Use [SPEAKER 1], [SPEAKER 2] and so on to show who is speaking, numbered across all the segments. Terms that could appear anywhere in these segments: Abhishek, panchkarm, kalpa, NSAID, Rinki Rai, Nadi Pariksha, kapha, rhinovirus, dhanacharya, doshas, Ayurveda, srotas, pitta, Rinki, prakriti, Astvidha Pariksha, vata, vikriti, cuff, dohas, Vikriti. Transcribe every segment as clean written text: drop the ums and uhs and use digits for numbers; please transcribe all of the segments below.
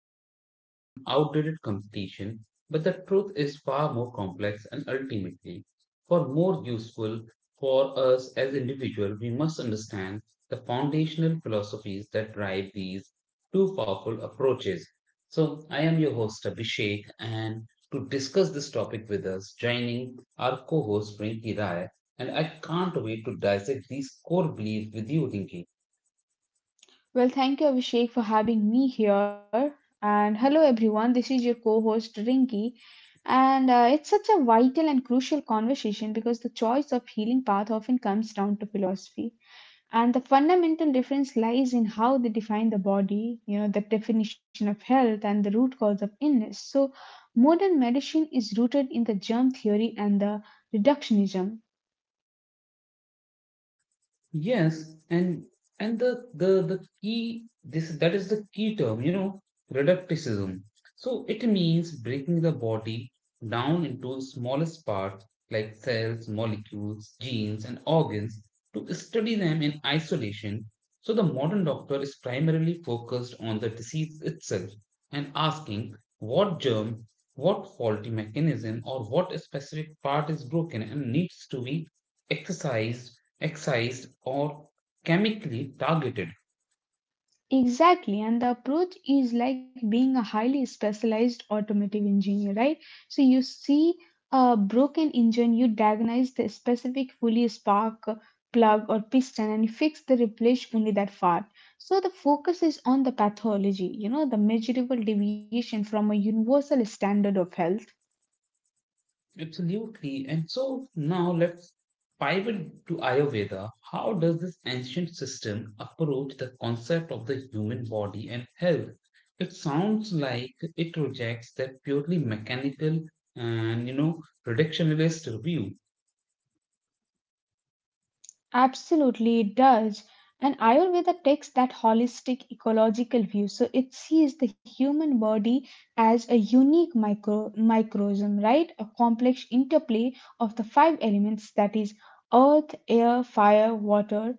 [SPEAKER 1] presented as an outdated competition, but the truth is far more complex and ultimately, for more useful for us as individuals, we must understand the foundational philosophies that drive these two powerful approaches. So, I am your host, Abhishek, and to discuss this topic with us, joining our co host Rinki Rai, and I can't wait to dissect these core beliefs with you, Rinki.
[SPEAKER 2] Well, thank you, Abhishek, for having me here. And hello, everyone. This is your co host, Rinki. And It's such a vital and crucial conversation because the choice of healing path often comes down to philosophy. And the fundamental difference lies in how they define the body, you know, the definition of health and the root cause of illness. So, modern medicine is rooted in the germ theory and the reductionism.
[SPEAKER 1] Yes, and the key this that is the key term, you know, reducticism. So it means breaking the body down into smallest parts like cells, molecules, genes, and organs to study them in isolation. So the modern doctor is primarily focused on the disease itself and asking what germ, what faulty mechanism, or what specific part is broken and needs to be exercised excised or chemically targeted.
[SPEAKER 2] Exactly, and the approach is like being a highly specialized automotive engineer, right? So you see a broken engine, you diagnose the specific fully spark plug or piston and fix the replace only that part. So the focus is on the pathology, you know, the measurable deviation from a universal standard of health.
[SPEAKER 1] Absolutely. And so now let's pivot to Ayurveda. How does this ancient system approach the concept of the human body and health? It sounds like it rejects that purely mechanical and you know reductionist view.
[SPEAKER 2] Absolutely, it does. And Ayurveda takes that holistic ecological view, so it sees the human body as a unique microcosm, right? A complex interplay of the five elements, that is earth, air, fire, water,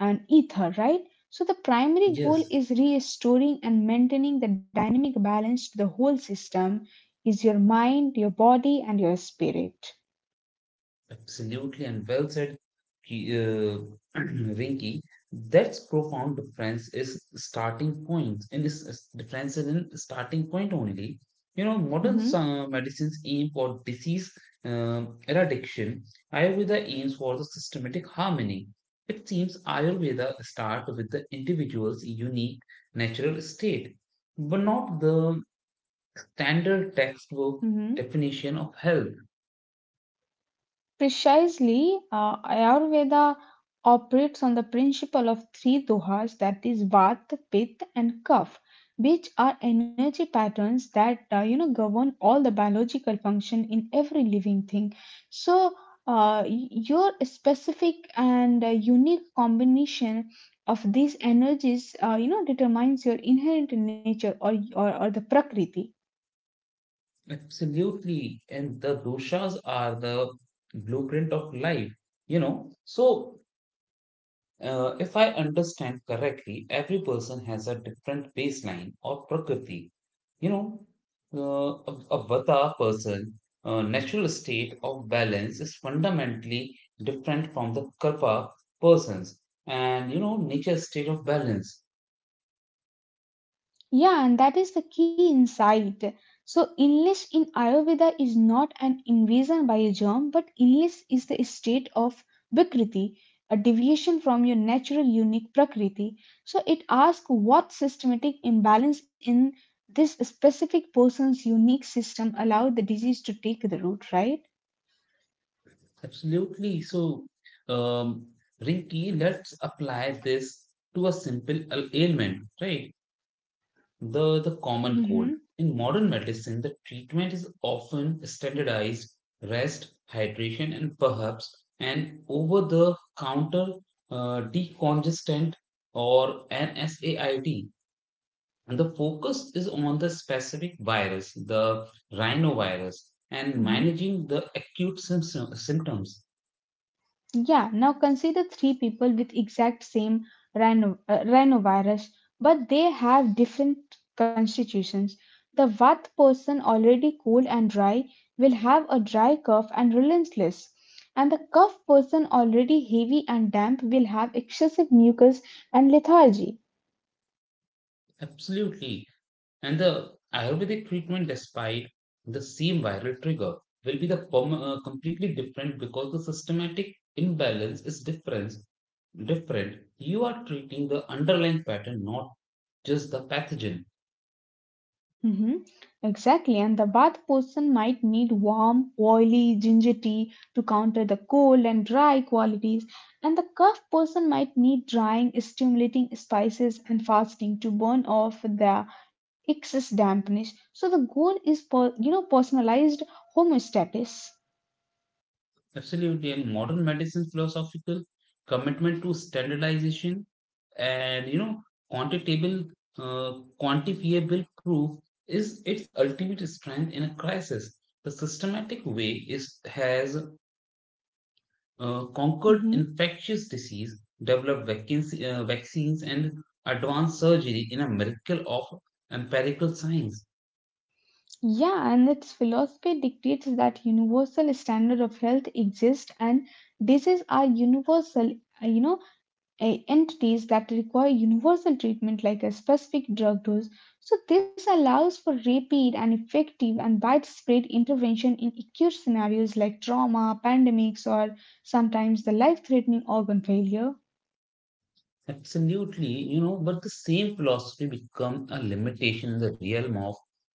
[SPEAKER 2] and ether, right? So the primary goal
[SPEAKER 1] Yes.
[SPEAKER 2] is restoring and maintaining the dynamic balance to the whole system is your mind, your body, and your spirit.
[SPEAKER 1] Absolutely, and well said, Ki- uh, Rinky. That's profound difference is starting point, and is difference is in starting point only. You know, modern
[SPEAKER 2] Mm-hmm,
[SPEAKER 1] medicines aim for disease eradication. Ayurveda aims for the systematic harmony. It seems Ayurveda starts with the individual's unique natural state, but not the standard textbook
[SPEAKER 2] mm-hmm.
[SPEAKER 1] definition of health.
[SPEAKER 2] Precisely, Ayurveda operates on the principle of three dohas, that is vata, pitta, and kapha, which are energy patterns that you know, govern all the biological function in every living thing. So, your specific and unique combination of these energies, you know, determines your inherent nature or the prakriti.
[SPEAKER 1] Absolutely. And the doshas are the blueprint of life, you know. So, if I understand correctly, every person has a different baseline or prakriti, you know. A vata person, natural state of balance is fundamentally different from the kalpa persons and, you know, nature state of balance.
[SPEAKER 2] Yeah, and that is the key insight. So, illness in Ayurveda is not an invasion by a germ, but illness is the state of vikriti, a deviation from your natural unique prakriti. So, it asks what systematic imbalance in this specific person's unique system allowed the disease to take the root, right?
[SPEAKER 1] Absolutely. So, um, Rinki, let's apply this to a simple ailment, right? The common cold.
[SPEAKER 2] Mm-hmm.
[SPEAKER 1] In modern medicine, the treatment is often standardized rest, hydration, and perhaps an over-the-counter decongestant or NSAID. And the focus is on the specific virus, the rhinovirus, and
[SPEAKER 2] Mm-hmm.
[SPEAKER 1] managing the acute symptoms.
[SPEAKER 2] Yeah, now consider three people with exact same rhinovirus, but they have different constitutions. The what person already cold and dry will have a dry cough and relentless, and the cough person already heavy and damp will have excessive mucus and lethargy.
[SPEAKER 1] Absolutely. And the Ayurvedic treatment, despite the same viral trigger, will be the completely different because the systematic imbalance is different. Different. You are treating the underlying pattern, not just the pathogen.
[SPEAKER 2] hmm Exactly, and the bath person might need warm, oily ginger tea to counter the cold and dry qualities, and the cough person might need drying, stimulating spices, and fasting to burn off the excess dampness. So the goal is, you know, personalized homeostasis.
[SPEAKER 1] Absolutely. And modern medicine's philosophical commitment to standardization and you know quantitable, uh, quantifiable proof is its ultimate strength in a crisis. The systematic way is has conquered
[SPEAKER 2] hmm
[SPEAKER 1] infectious disease, developed vaccines, and advanced surgery in a miracle of empirical science.
[SPEAKER 2] Yeah, and its philosophy dictates that universal standard of health exists and diseases are universal, uh, you know, entities that require universal treatment like a specific drug dose. So, this allows for rapid and effective and widespread intervention in acute scenarios like trauma, pandemics, or sometimes the life threatening organ failure.
[SPEAKER 1] Absolutely, you know, but the same philosophy becomes a limitation in the realm of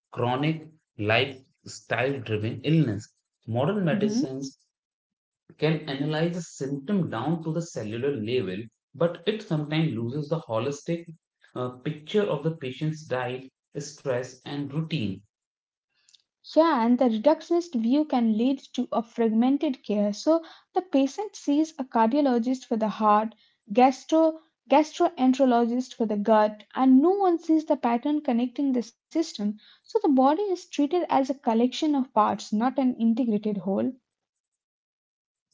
[SPEAKER 1] chronic lifestyle driven illness. Modern medicines can analyze a symptom down to the cellular level, but it sometimes loses the holistic picture of the patient's diet, stress, and routine.
[SPEAKER 2] Yeah, and the reductionist view can lead to a fragmented care. So the patient sees a cardiologist for the heart, gastro gastroenterologist for the gut, and no one sees the pattern connecting the system. So the body is treated as a collection of parts, not an integrated whole.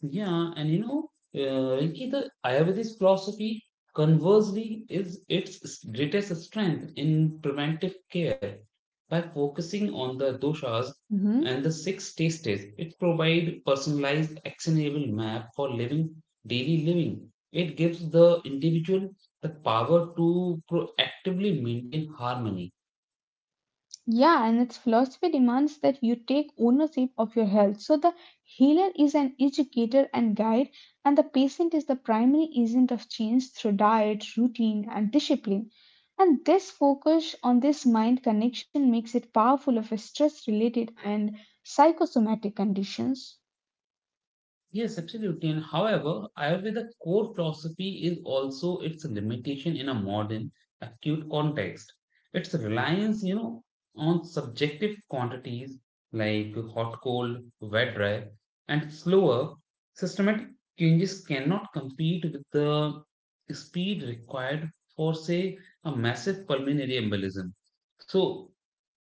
[SPEAKER 1] Yeah, and you know, Rinki, the Ayurvedic philosophy, conversely, is its greatest strength in preventive care. By focusing on the doshas and
[SPEAKER 2] Mhm.
[SPEAKER 1] the six tastes, it provides personalized, actionable map for living daily living. It gives the individual the power to proactively maintain harmony.
[SPEAKER 2] Yeah, and its philosophy demands that you take ownership of your health. So the healer is an educator and guide, and the patient is the primary agent of change through diet, routine, and discipline. And this focus on this mind connection makes it powerful of stress related and psychosomatic conditions.
[SPEAKER 1] Yes, absolutely. And however, Ayurveda core philosophy is also its limitation in a modern acute context. Its reliance, you know, on subjective quantities like hot, cold, wet, dry, and slower systematic changes cannot compete with the speed required for, say, a massive pulmonary embolism. So,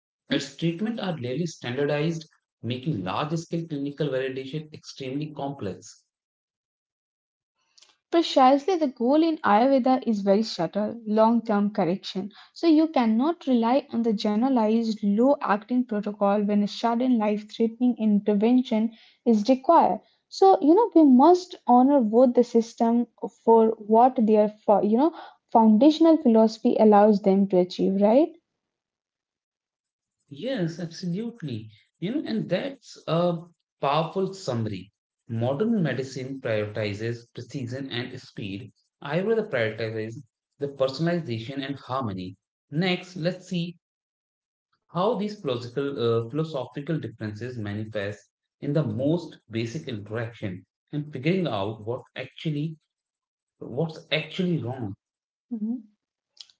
[SPEAKER 2] Mm-hmm.
[SPEAKER 1] its treatment are rarely standardized, making large-scale clinical validation extremely complex.
[SPEAKER 2] Precisely, the goal in Ayurveda is very subtle long term correction. So, you cannot rely on the generalized low acting protocol when a sudden life threatening intervention is required. So, you know, we must honor both the system for you know, foundational philosophy allows them to achieve, right?
[SPEAKER 1] Yes, absolutely. You know, and that's a powerful summary. Modern medicine prioritizes precision and speed. Ayurveda prioritizes the personalization and harmony. Next, let's see how these philosophical differences manifest in the most basic interaction and figuring out what's actually wrong.
[SPEAKER 2] Mhm.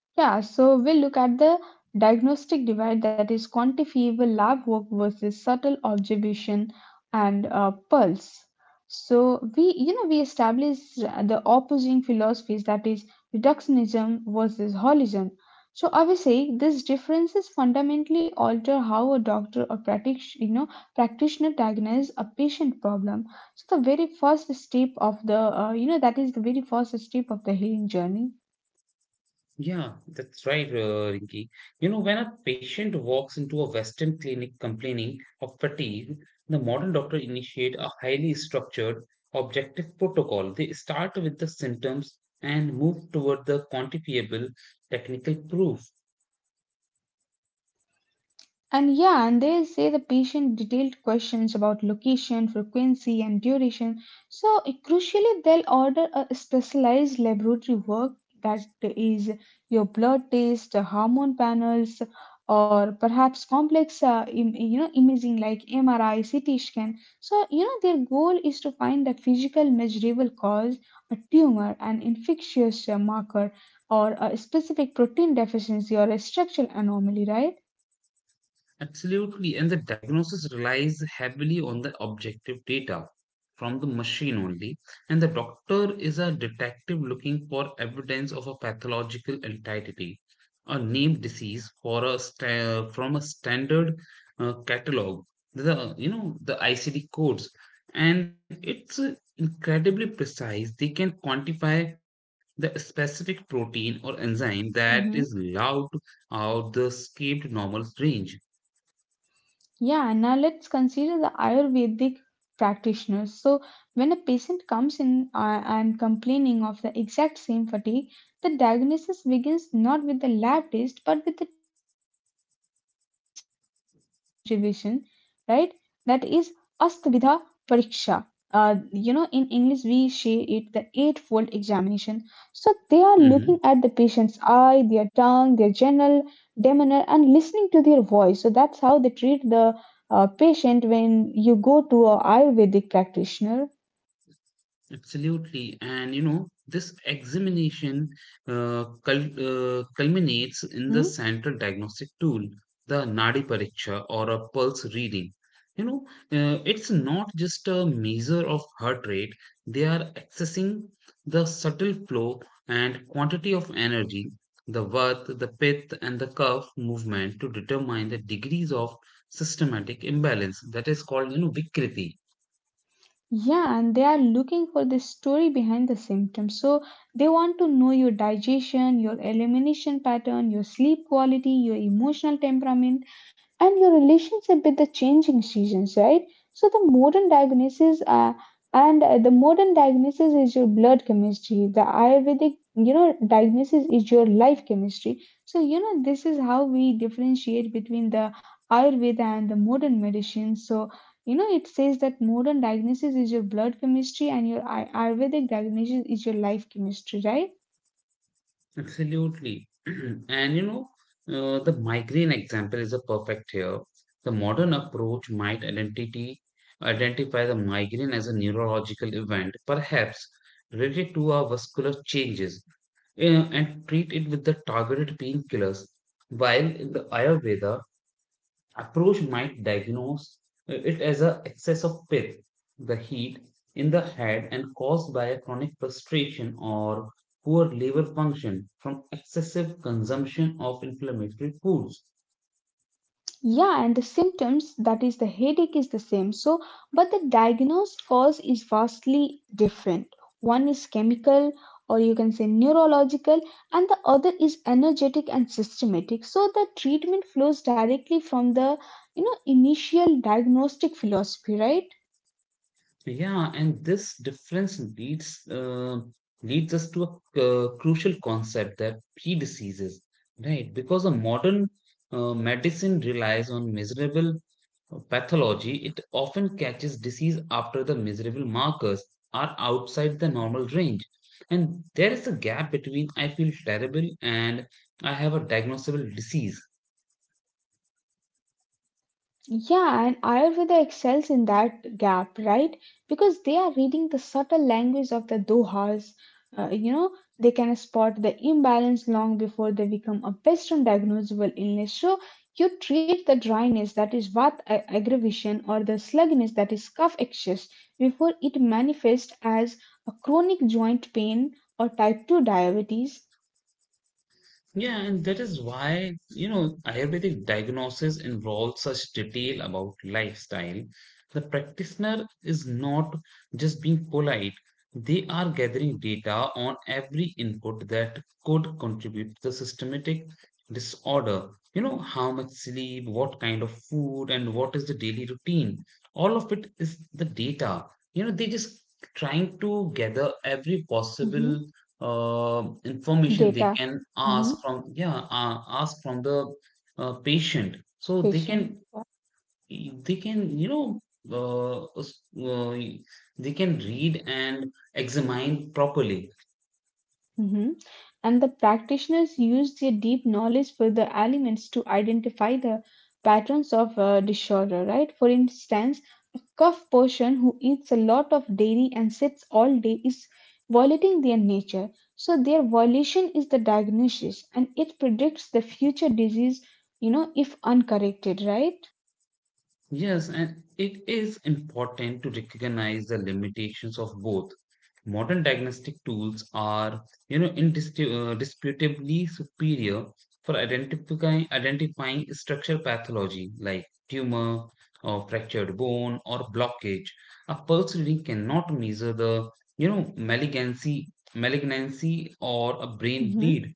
[SPEAKER 2] Yeah, so we'll look at the diagnostic divide, that is quantifiable lab work versus subtle observation and pulse. So we, you know, we established the opposing philosophies, that is reductionism versus holism. So I would say these differences fundamentally alter how a doctor or you know, practitioner diagnoses a patient problem. So the very first step of you know, that is the very first step of the healing journey.
[SPEAKER 1] Yeah, that's right, Rinki. You know, when a patient walks into a Western clinic complaining of fatigue, the modern doctor initiate a highly structured, objective protocol. They start with the symptoms and move toward the quantifiable technical proof.
[SPEAKER 2] And yeah, and they say the patient detailed questions about location, frequency, and duration. So, crucially, they'll order a specialized laboratory work, that is your blood test, hormone panels, or perhaps complex, you know, imaging like MRI, CT scan. So, you know, their goal is to find the physical measurable cause, a tumor, an infectious marker, or a specific protein deficiency or a structural anomaly, right?
[SPEAKER 1] Absolutely, and the diagnosis relies heavily on the objective data from the machine only, and the doctor is a detective looking for evidence of a pathological entity, a named disease for a from a standard catalog, the you know the ICD codes, and it's incredibly precise. They can quantify the specific protein or enzyme that is
[SPEAKER 2] Mhm.
[SPEAKER 1] allowed out the escaped normal range.
[SPEAKER 2] Yeah, now let's consider the Ayurvedic practitioners. So, when a patient comes in and complaining of the exact same fatigue, the diagnosis begins not with the lab test but with the deep sensory observation, right? That is Astvidha Pariksha. You know, in English, we say it the eightfold examination. So, they are looking at the
[SPEAKER 1] hmm
[SPEAKER 2] patient's eye, their tongue, their general demeanor, and listening to their voice. So, that's how they treat the patient when you go to a ayurvedic practitioner.
[SPEAKER 1] Absolutely. And you know, this examination culminates in the
[SPEAKER 2] hmm
[SPEAKER 1] central diagnostic tool, the Nadi Pariksha or a pulse reading. You know, it's not just a measure of heart rate, they are accessing the subtle flow and quantity of energy, the vat, the pith, and the cuff movement to determine the degrees of systematic imbalance. That is called, you know, Vikriti.
[SPEAKER 2] Yeah, and they are looking for the story behind the symptoms. So they want to know your digestion, your elimination pattern, your sleep quality, your emotional temperament, and your relationship with the changing seasons, right? So the modern diagnosis is your blood chemistry. The Ayurvedic, you know, diagnosis is your life chemistry. So you know this is how we differentiate between the Ayurveda and the modern medicine. So you know, it says that modern diagnosis is your blood chemistry and your Ayurvedic diagnosis is your life chemistry, right?
[SPEAKER 1] Absolutely. And you know, the migraine example is a perfect here. The modern approach might identity identify the migraine as a neurological event, perhaps related to our vascular changes, and treat it with the targeted painkillers. While in the Ayurveda, approach might diagnose it as a excess of pith, the heat in the head and caused by a chronic frustration or poor liver function from excessive consumption of inflammatory foods.
[SPEAKER 2] Yeah, and the symptoms, that is the headache, is the same. So, but the diagnosed cause is vastly different. One is chemical or you can say neurological and the other is energetic and systematic. So the treatment flows directly from the, you know, initial diagnostic philosophy, right?
[SPEAKER 1] Yeah, and this difference leads us to a crucial concept that pre diseases, right? Because a modern medicine relies on measurable pathology, it often catches disease after the measurable markers are outside the normal range. And there is a gap between I feel terrible and I have a diagnosable disease.
[SPEAKER 2] Yeah, and Ayurveda excels in that gap, right? Because they are reading the subtle language of the dohas. You know, they can spot the imbalance long before they become a Western diagnosable illness. So you treat the dryness, that is aggravation, or the sluggishness, that is cough excess, before it manifests as a chronic joint pain or type 2 diabetes.
[SPEAKER 1] Yeah, and that is why, you know, Ayurvedic diagnosis involves such detail about lifestyle. The practitioner is not just being polite, they are gathering data on every input that could contribute to the systematic disorder. You know, how much sleep, what kind of food, and what is the daily routine. All of it is the data. You know, they just trying to gather every
[SPEAKER 2] Mhm.
[SPEAKER 1] possible information they
[SPEAKER 2] Data.
[SPEAKER 1] can ask
[SPEAKER 2] hmm
[SPEAKER 1] from yeah ask from the patient so they
[SPEAKER 2] Patient.
[SPEAKER 1] can they can you know uh, s- uh, they can read and examine properly.
[SPEAKER 2] hmm and the practitioners use their deep knowledge for the elements to identify the patterns of disorder, right? For instance, a cough person who eats a lot of dairy and sits all day is violating their nature, so their violation is the diagnosis and it predicts the future disease, you know, if uncorrected, right?
[SPEAKER 1] Yes, and it is important to recognize the limitations of both. Modern diagnostic tools are, you know, indisputably superior for identifying structural pathology like tumor or fractured bone or blockage. A pulse reading cannot measure the, you know, malignancy or a brain
[SPEAKER 2] Mhm.
[SPEAKER 1] bleed.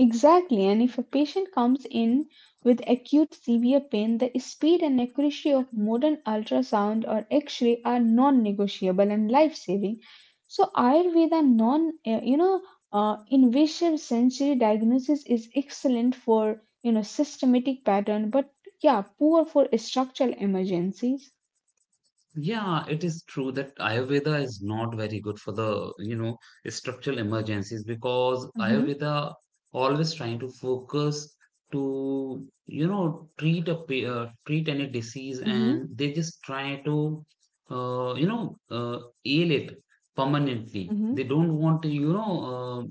[SPEAKER 2] Exactly, and if a patient comes in with acute severe pain, the speed and accuracy of modern ultrasound or x ray are non negotiable and life saving. So, Ayurveda non you know, invasive sensory diagnosis is excellent for you know systematic pattern, but yeah, poor for structural emergencies.
[SPEAKER 1] Yeah, it is true that Ayurveda is not very good for the, you know, structural emergencies because
[SPEAKER 2] Mm-hmm,
[SPEAKER 1] Ayurveda always trying to focus to, you know, treat a treat any disease
[SPEAKER 2] mm-hmm,
[SPEAKER 1] and they just try to, you know, ail it permanently.
[SPEAKER 2] mm-hmm,
[SPEAKER 1] They don't want to, you know,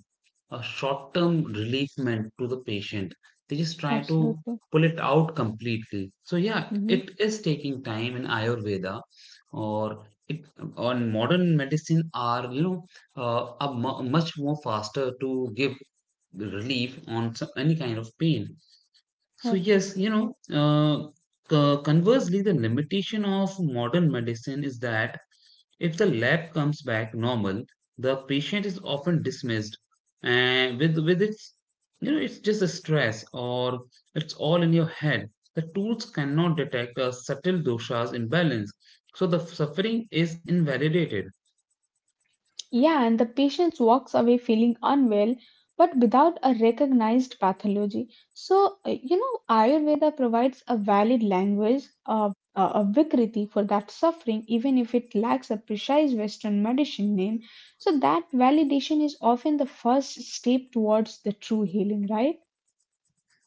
[SPEAKER 1] a short term relief meant to the patient. They just try to
[SPEAKER 2] absolutely.
[SPEAKER 1] pull it out completely. So, yeah,
[SPEAKER 2] Mm-hmm.
[SPEAKER 1] it is taking time in Ayurveda or it, on modern medicine are you know much more faster to give relief on some, any kind of pain so yes you know uh, conversely the limitation of modern medicine is that if the lab comes back normal, the patient is often dismissed and with its you know it's just a stress or it's all in your head. The tools cannot detect a subtle dosha's imbalance, so the suffering is invalidated.
[SPEAKER 2] Yeah, and the patient walks away feeling unwell, but without a recognized pathology. So, you know, Ayurveda provides a valid language, a vikriti for that suffering, even if it lacks a precise Western medicine name. So, that validation is often the first step towards the true healing, right?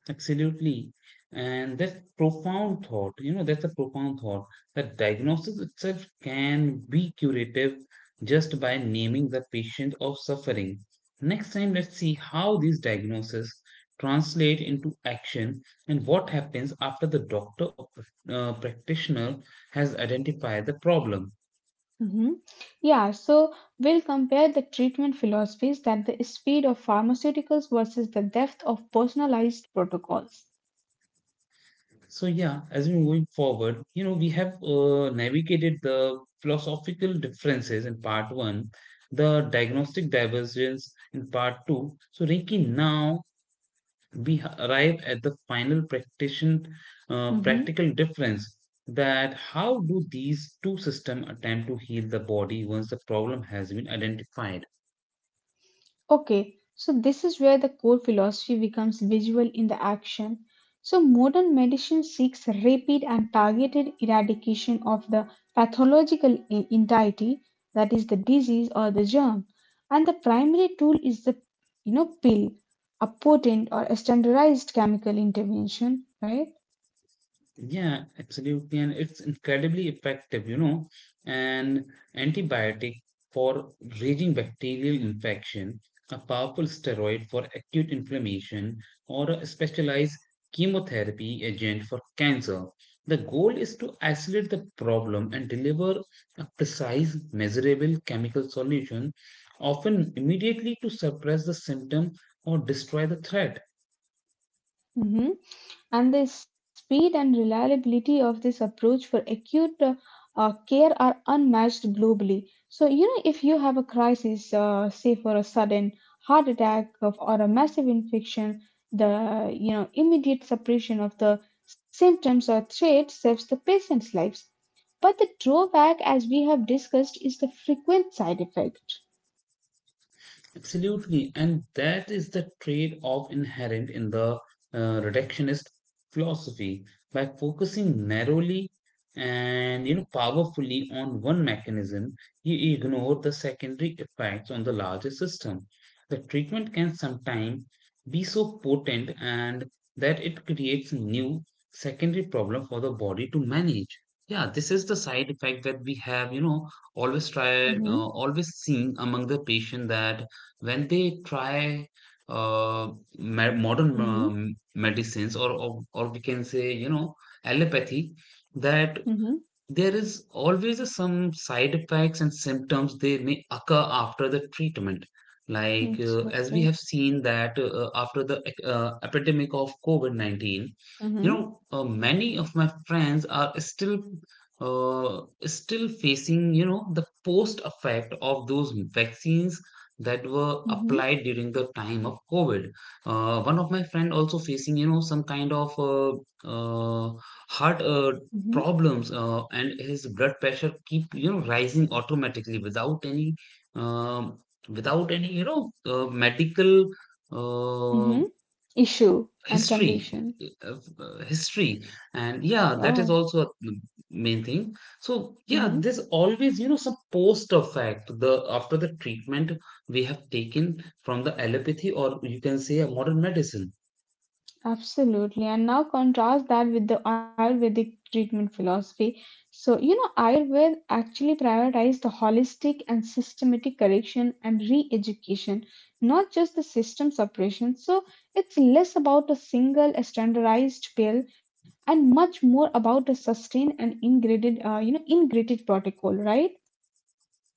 [SPEAKER 1] Absolutely. And that's profound thought. You know, that's a profound thought that diagnosis itself can be curative just by naming the patient of suffering. Next time, let's see how these diagnoses translate into action and what happens after the doctor or practitioner has identified the problem.
[SPEAKER 2] hmm Yeah, so we'll compare the treatment philosophies, that the speed of pharmaceuticals versus the depth of personalized protocols.
[SPEAKER 1] So yeah, as we moving forward, you know, we have navigated the philosophical differences in part one, the diagnostic divergence in part two. So Rinki, now we arrive at the final
[SPEAKER 2] Mhm.
[SPEAKER 1] practical difference that how do these two systems attempt to heal the body once the problem has been identified?
[SPEAKER 2] Okay, so this is where the core philosophy becomes visual in the action. So modern medicine seeks rapid and targeted eradication of the pathological entity, that is the disease or the germ. And the primary tool is the you know pill, a potent or a standardized chemical intervention, right?
[SPEAKER 1] Yeah, absolutely. And it's incredibly effective, you know, an antibiotic for raging bacterial infection, a powerful steroid for acute inflammation, or a specialized chemotherapy agent for cancer. The goal is to isolate the problem and deliver a precise, measurable chemical solution, often immediately to suppress the symptom or destroy the threat.
[SPEAKER 2] Mhm. And the speed and reliability of this approach for acute care are unmatched globally. So, you know, if you have a crisis, say for a sudden heart attack of, or a massive infection, the you know immediate suppression of the symptoms or threat saves the patient's lives. But the drawback, as we have discussed, is the frequent side effect.
[SPEAKER 1] Absolutely. And that is the trade off inherent in the reductionist philosophy. By focusing narrowly and you know powerfully on one mechanism, you ignore the secondary effects on the larger system. The treatment can sometimes be so potent and that it creates new secondary problem for the body to manage. Yeah, this is the side effect that we have, you know,
[SPEAKER 2] Mm-hmm.
[SPEAKER 1] always seeing among the patient that when they try uh, modern
[SPEAKER 2] Mm-hmm.
[SPEAKER 1] medicines or we can say you know allopathy that
[SPEAKER 2] Mm-hmm.
[SPEAKER 1] there is always a some side effects and symptoms they may occur after the treatment. Like as we
[SPEAKER 2] Absolutely.
[SPEAKER 1] have seen that after the epidemic of COVID-19, you
[SPEAKER 2] Mm-hmm.
[SPEAKER 1] know, many of my friends are still still facing, you know, the post effect of those vaccines that were
[SPEAKER 2] Mm-hmm.
[SPEAKER 1] applied during the time of COVID. One of my friend also facing, you know, some kind of uh, heart problems and his blood pressure keep you know rising automatically without any um, without any you know medical uh,
[SPEAKER 2] Mm-hmm. Issue and
[SPEAKER 1] history
[SPEAKER 2] condition.
[SPEAKER 1] uh, history and yeah,
[SPEAKER 2] Oh.
[SPEAKER 1] that is also a main thing. So
[SPEAKER 2] hmm
[SPEAKER 1] yeah, there's always you know some post effect the after the treatment we have taken from the allopathy, or you can say a modern medicine.
[SPEAKER 2] Absolutely. And now contrast that with the Ayurvedic treatment philosophy. So, you know, Ayurveda actually prioritized the holistic and systematic correction and re education, not just the system suppression. So, it's less about a single standardized pill and much more about a sustained and ingredient, you know, integrated protocol, right?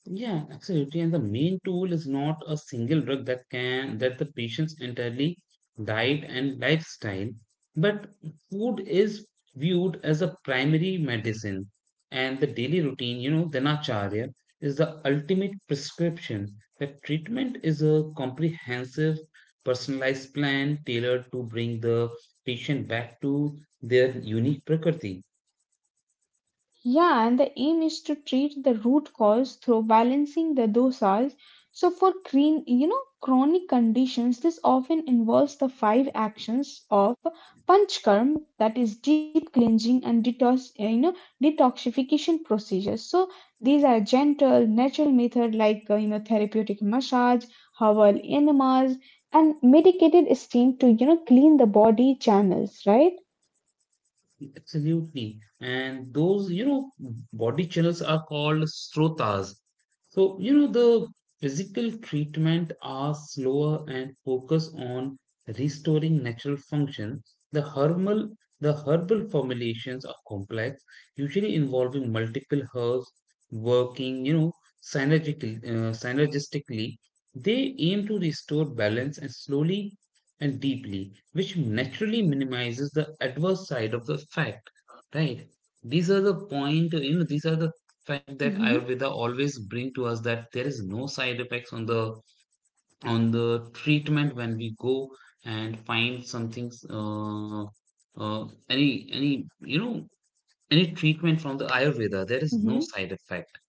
[SPEAKER 1] Yeah, absolutely. And the main tool is not a single drug that can that the patient's entirely diet and lifestyle, but food is viewed as a primary medicine, and the daily routine, you know, dhanacharya is the ultimate prescription. That treatment is a comprehensive, personalized plan tailored to bring the patient back to their unique prakriti.
[SPEAKER 2] Yeah, and the aim is to treat the root cause through balancing the dosage. So for green, you know, chronic conditions, this often involves the five actions of panchkarm, that is deep cleansing and detox, you know, detoxification procedures. So these are gentle, natural method like you know therapeutic massage, herbal enemas, and medicated steam to you know clean the body channels, right?
[SPEAKER 1] Absolutely. And those, you know, body channels are called srotas. So, you know, the physical treatment are slower and focus on restoring natural function. The herbal, the herbal formulations are complex, usually involving multiple herbs working, you know, synergistically. They aim to restore balance and slowly and deeply, which naturally minimizes the adverse side of the fact. Right, these are the point, you know, these are the fact that
[SPEAKER 2] Mm-hmm.
[SPEAKER 1] ayurveda always bring to us that there is no side effects on the treatment when we go and find something any you know any treatment from the ayurveda there is no side effect.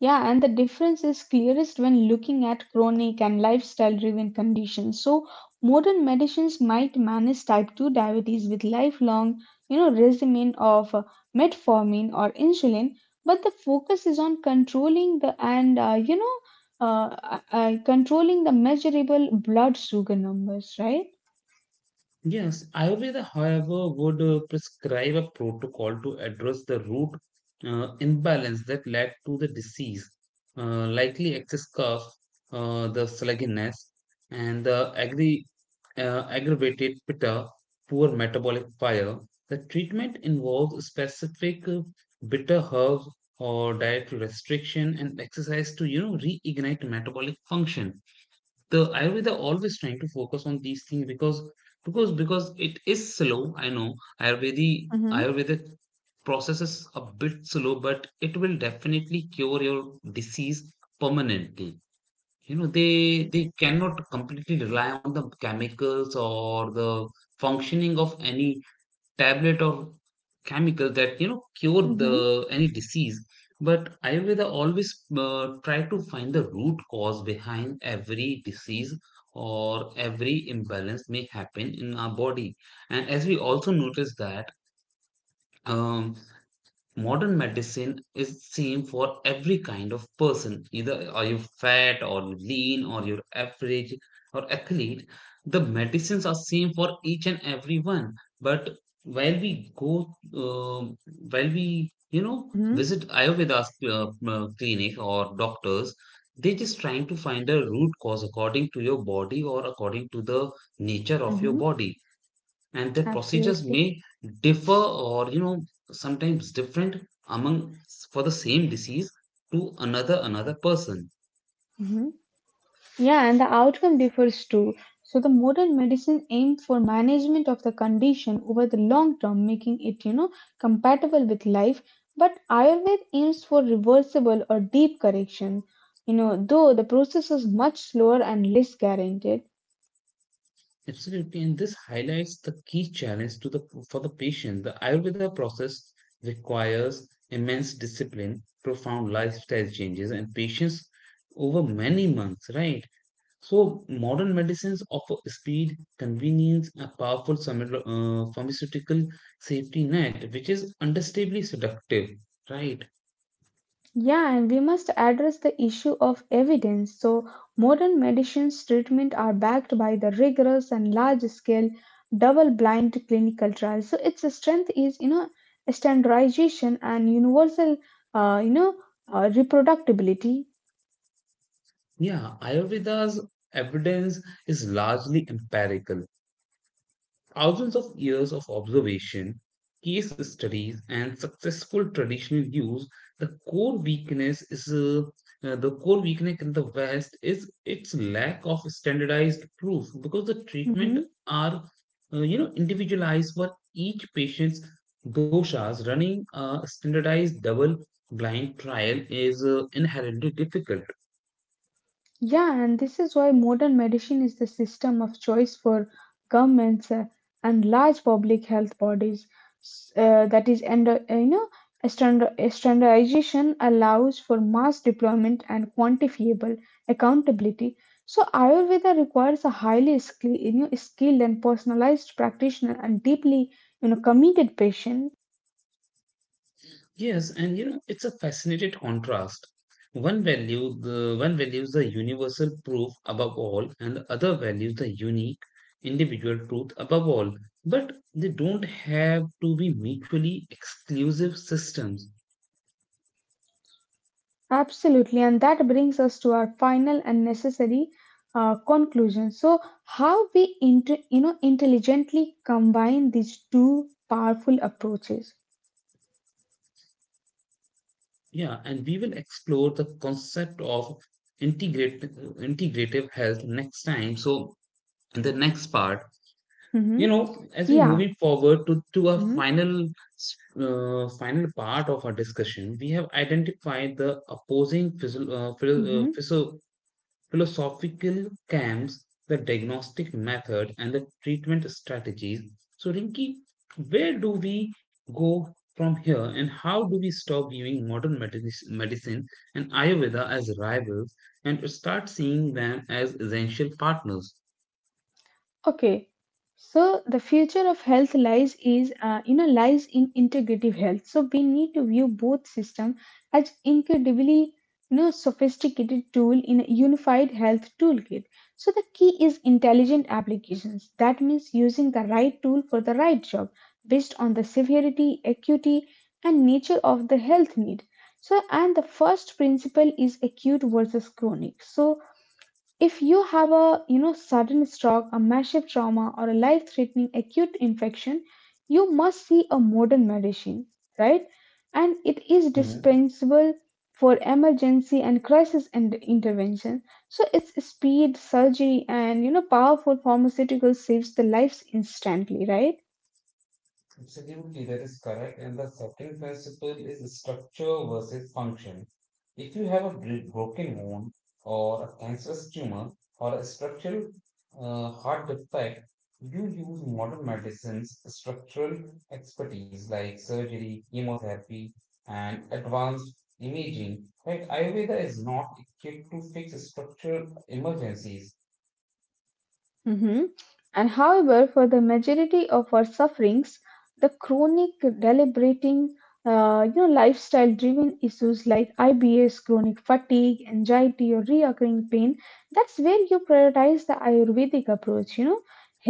[SPEAKER 2] Yeah, and the difference is clearest when looking at chronic and lifestyle driven conditions. So, modern medicines might manage type 2 diabetes with lifelong, regimen of metformin or insulin, but the focus is on controlling the controlling the measurable blood sugar numbers, right?
[SPEAKER 1] Yes, Ayurveda, however, would prescribe a protocol to address the root imbalance that led to the disease, likely excess cough, the sluggishness, and the aggravated pitta, poor metabolic fire. The treatment involves specific bitter herbs or dietary restriction and exercise to you know reignite metabolic function. The ayurveda always trying to focus on these things because because it is slow. I know ayurvedic ayurvedic process is a bit slow, but it will definitely cure your disease permanently. You know, they cannot completely rely on the chemicals or the functioning of any tablet or chemical that you know cure
[SPEAKER 2] Mm-hmm.
[SPEAKER 1] the any disease. But ayurveda always try to find the root cause behind every disease or every imbalance may happen in our body. And as we also notice that um, modern medicine is same for every kind of person, either are you fat or you lean or you're average or athlete, the medicines are same for each and every one. But while we go um while we you know
[SPEAKER 2] Mm-hmm.
[SPEAKER 1] visit ayurveda uh, clinic or doctors, they just trying to find a root cause according to your body or according to the nature of your
[SPEAKER 2] Mm-hmm.
[SPEAKER 1] body. And their procedures
[SPEAKER 2] Absolutely.
[SPEAKER 1] may differ, or you know sometimes different among for the same disease to another person.
[SPEAKER 2] Hmm. Yeah, and the outcome differs too. So the modern medicine aimed for management of the condition over the long term, making it compatible with life. But Ayurveda aims for reversible or deep correction. Though the process is much slower and less guaranteed.
[SPEAKER 1] Absolutely, and this highlights the key challenge to the for the patient. The ayurveda process requires immense discipline, profound lifestyle changes, and patience over many months, right? So modern medicines offer speed, convenience, a powerful pharmaceutical safety net, which is understandably seductive, right?
[SPEAKER 2] Yeah, and we must address the issue of evidence. So, modern medicines treatment are backed by the rigorous and large-scale double-blind clinical trials. So, its strength is standardization and universal, uh, you know, reproductibility.
[SPEAKER 1] Yeah, Ayurveda's evidence is largely empirical. Thousands of years of observation, case studies, and successful traditional use, the core weakness is the core weakness in the West is its lack of standardized proof because the treatment
[SPEAKER 2] Mhm.
[SPEAKER 1] are you know individualized for each patient's doshas. Running a standardized double blind trial is inherently difficult.
[SPEAKER 2] Yeah, and this is why modern medicine is the system of choice for governments and large public health bodies. That is, and standardization allows for mass deployment and quantifiable accountability. So Ayurveda requires a highly skilled, skilled and personalized practitioner and deeply committed patient.
[SPEAKER 1] Yes, and you know, it's a fascinating contrast. The one values the universal truth above all, and the other values the unique individual truth above all. But they don't have to be mutually exclusive systems.
[SPEAKER 2] Absolutely, and that brings us to our final and necessary conclusion. So, how we intelligently combine these two powerful approaches?
[SPEAKER 1] Yeah, and we will explore the concept of integrate integrative health next time. So in the next part, you
[SPEAKER 2] Mhm.
[SPEAKER 1] know, as we're
[SPEAKER 2] Yeah.
[SPEAKER 1] moving forward to a
[SPEAKER 2] Mhm.
[SPEAKER 1] final s- final part of our discussion, we have identified the opposing
[SPEAKER 2] Mhm.
[SPEAKER 1] philosophical camps, the diagnostic method, and the treatment strategies. So Rinki, where do we go from here, and how do we stop viewing medicine and ayurveda as rivals and start seeing them as essential partners?
[SPEAKER 2] Okay, so the future of health lies is lies in integrative health. So we need to view both system as incredibly sophisticated tool in a unified health toolkit. So the key is intelligent applications. That means using the right tool for the right job based on the severity, acuity, and nature of the health need. So and the first principle is acute versus chronic. So if you have a sudden stroke, a massive trauma, or a life-threatening acute infection, you must see a modern medicine, right? And it is dispensable for emergency and crisis and intervention. So its speed, surgery, and powerful pharmaceutical saves the lives instantly, right?
[SPEAKER 1] Absolutely, that is correct. And the second principle is structure versus function. If you have a broken bone or a cancerous tumor or a structural heart defect, you use modern medicine's structural expertise like surgery, chemotherapy, and advanced imaging. Right? Ayurveda is not equipped to fix structural emergencies.
[SPEAKER 2] Hmm. And however, for the majority of our sufferings, the chronic deliberating, lifestyle-driven issues like IBS, chronic fatigue, anxiety, or reoccurring pain, that's where you prioritize the Ayurvedic approach.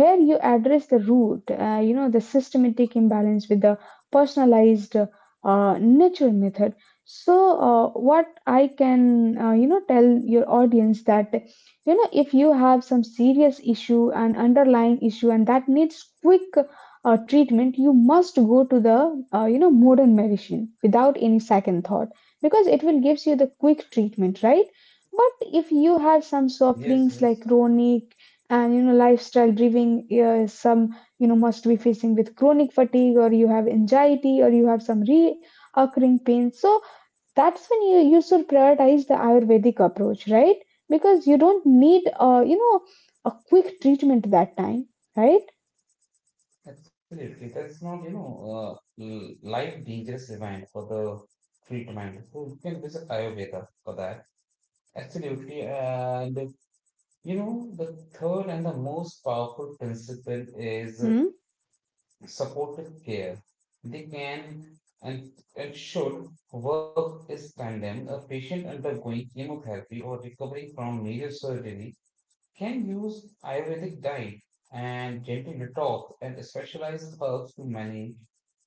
[SPEAKER 2] Here you address the root, the systematic imbalance with the personalized nature method. So, what I can tell your audience that if you have some serious issue and underlying issue and that needs quick treatment you must go to the modern medicine without any second thought because it will gives you the quick treatment, right? But if you have some
[SPEAKER 1] Yes,
[SPEAKER 2] sufferings like
[SPEAKER 1] yes.
[SPEAKER 2] chronic and lifestyle driven some must be facing with chronic fatigue or you have anxiety or you have some reoccurring pain, so that's when you should prioritize the ayurvedic approach, right? Because you don't need a quick treatment that time, right?
[SPEAKER 1] Absolutely. That is not, you know, life dangerous event for the treatment. So you can visit Ayurveda for that. Absolutely. And, you know, the third and the most powerful principle is
[SPEAKER 2] Mm-hmm.
[SPEAKER 1] supportive care. They can and should work is tandem. A patient undergoing chemotherapy or recovering from major surgery can use Ayurvedic diet and gentle detox and specialized herbs to manage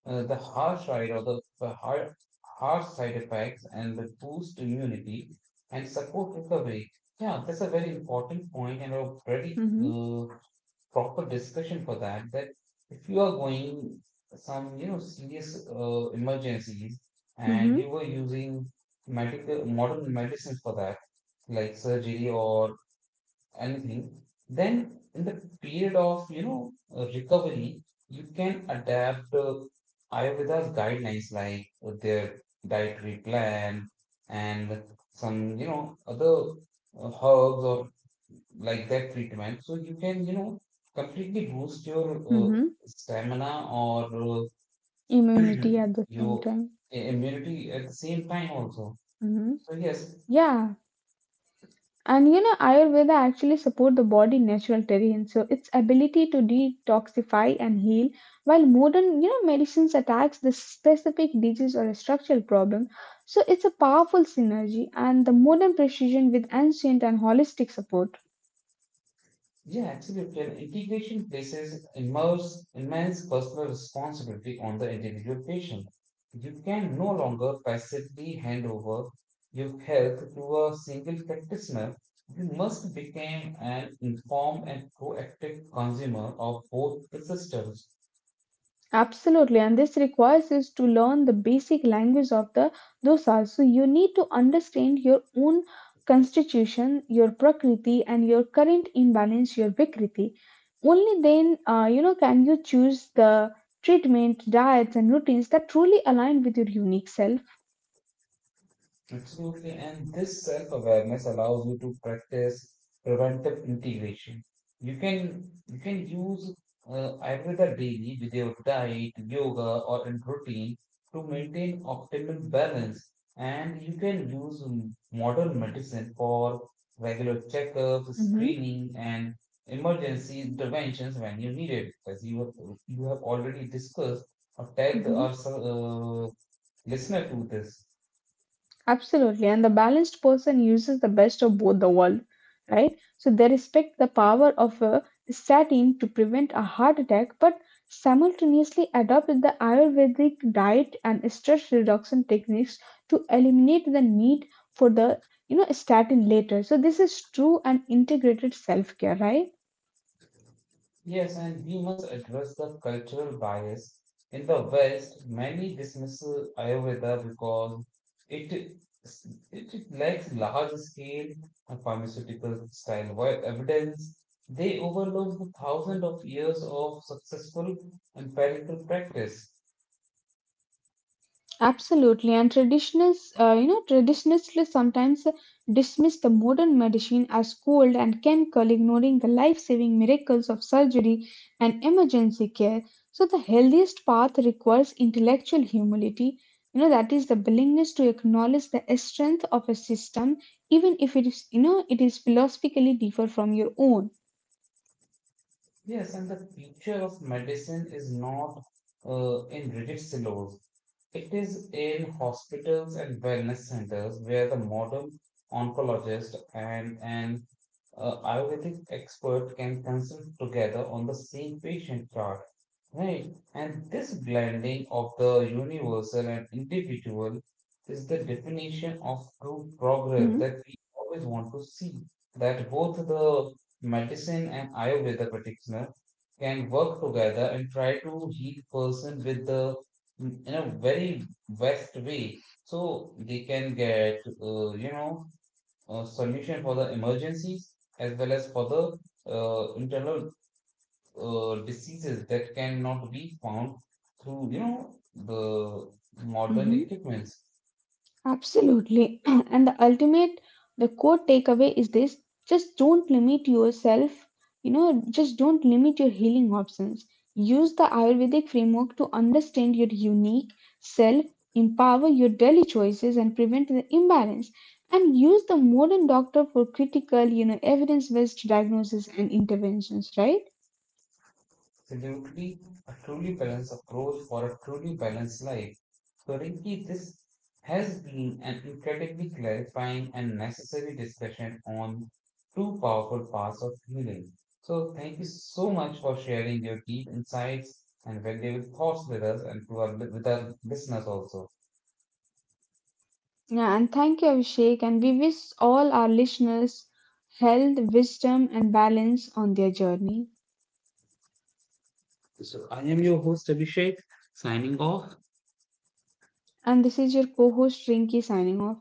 [SPEAKER 1] the harsh side or the harsh side effects and the boost immunity and support recovery. Yeah, that's a very important point and a very
[SPEAKER 2] Mm-hmm.
[SPEAKER 1] proper discussion for that. That if you are going some you know serious emergencies and
[SPEAKER 2] Mm-hmm.
[SPEAKER 1] you were using medical modern medicines for that, like surgery or anything, then in the period of you know recovery, you can adapt Ayurveda's guidelines like their dietary plan and some you know other herbs or like that treatment. So you can you know completely boost your
[SPEAKER 2] Mm-hmm.
[SPEAKER 1] stamina or uh,
[SPEAKER 2] Immunity at the same
[SPEAKER 1] your
[SPEAKER 2] time.
[SPEAKER 1] immunity at the same time also.
[SPEAKER 2] Mm-hmm.
[SPEAKER 1] So yes.
[SPEAKER 2] Yeah. And Ayurveda actually support the body natural terrain, so its ability to detoxify and heal, while modern medicines attacks the specific disease or a structural problem. So it's a powerful synergy, and the modern precision with ancient and holistic support.
[SPEAKER 1] Yeah, absolutely. And integration places immense personal responsibility on the individual patient. You can no longer passively hand over your health to a single practitioner. You must become an informed and proactive consumer of both the systems.
[SPEAKER 2] Absolutely, and this requires us to learn the basic language of the dosas. So you need to understand your own constitution, your prakriti, and your current imbalance, your vikriti. Only then, can you choose the treatment, diets, and routines that truly align with your unique self.
[SPEAKER 1] Absolutely. And this self awareness allows you to practice preventive integration. You can use Ayurveda daily with your diet, yoga, or in routine to maintain optimal balance. And you can use modern medicine for regular checkups, screening, and emergency interventions when you need it. As you have already discussed or tagged
[SPEAKER 2] Mhm.
[SPEAKER 1] our listener to this.
[SPEAKER 2] Absolutely. And the balanced person uses the best of both the world, right? So they respect the power of a statin to prevent a heart attack, but simultaneously adopt the Ayurvedic diet and stress reduction techniques to eliminate the need for the statin later. So this is true and integrated self-care, right?
[SPEAKER 1] Yes, and we must address the cultural bias. In the West, many dismiss Ayurveda because it it lacks large-scale pharmaceutical style evidence. They overlook the thousands of years of successful empirical practice.
[SPEAKER 2] Absolutely, and traditionalists sometimes dismiss the modern medicine as cold and chemical, ignoring the life-saving miracles of surgery and emergency care. So the healthiest path requires intellectual humility. That is the willingness to acknowledge the strength of a system, even if it is philosophically different from your own.
[SPEAKER 1] Yes, and the future of medicine is not in rigid silos. It is in hospitals and wellness centers where the modern oncologist and an Ayurvedic expert can consult together on the same patient chart. Right? And this blending of the universal and individual is the definition of true progress
[SPEAKER 2] Hmm?
[SPEAKER 1] that we always want to see. That both the medicine and Ayurveda practitioner can work together and try to heal person with the mm, in a very best way, so they can get you know a solution for the emergencies as well as for the internal diseases that cannot be found through you know the modern
[SPEAKER 2] Mm-hmm.
[SPEAKER 1] equipments.
[SPEAKER 2] Absolutely. And the ultimate, the core takeaway is this, just don't limit yourself, just don't limit your healing options. Use the Ayurvedic framework to understand your unique self, empower your daily choices, and prevent the imbalance. And use the modern doctor for critical, evidence based diagnosis and interventions, right?
[SPEAKER 1] Absolutely, a truly balanced approach for a truly balanced life. So, Rinki, this has been an incredibly clarifying and necessary discussion on two powerful paths of healing. So, thank you so much for sharing your deep insights and valuable thoughts with us and to our, with our listeners also.
[SPEAKER 2] Yeah, and thank you, Abhishek. And we wish all our listeners health, wisdom, and balance on their journey.
[SPEAKER 1] So, I am your host, Abhishek, signing off.
[SPEAKER 2] And this is your co host Rinky signing off.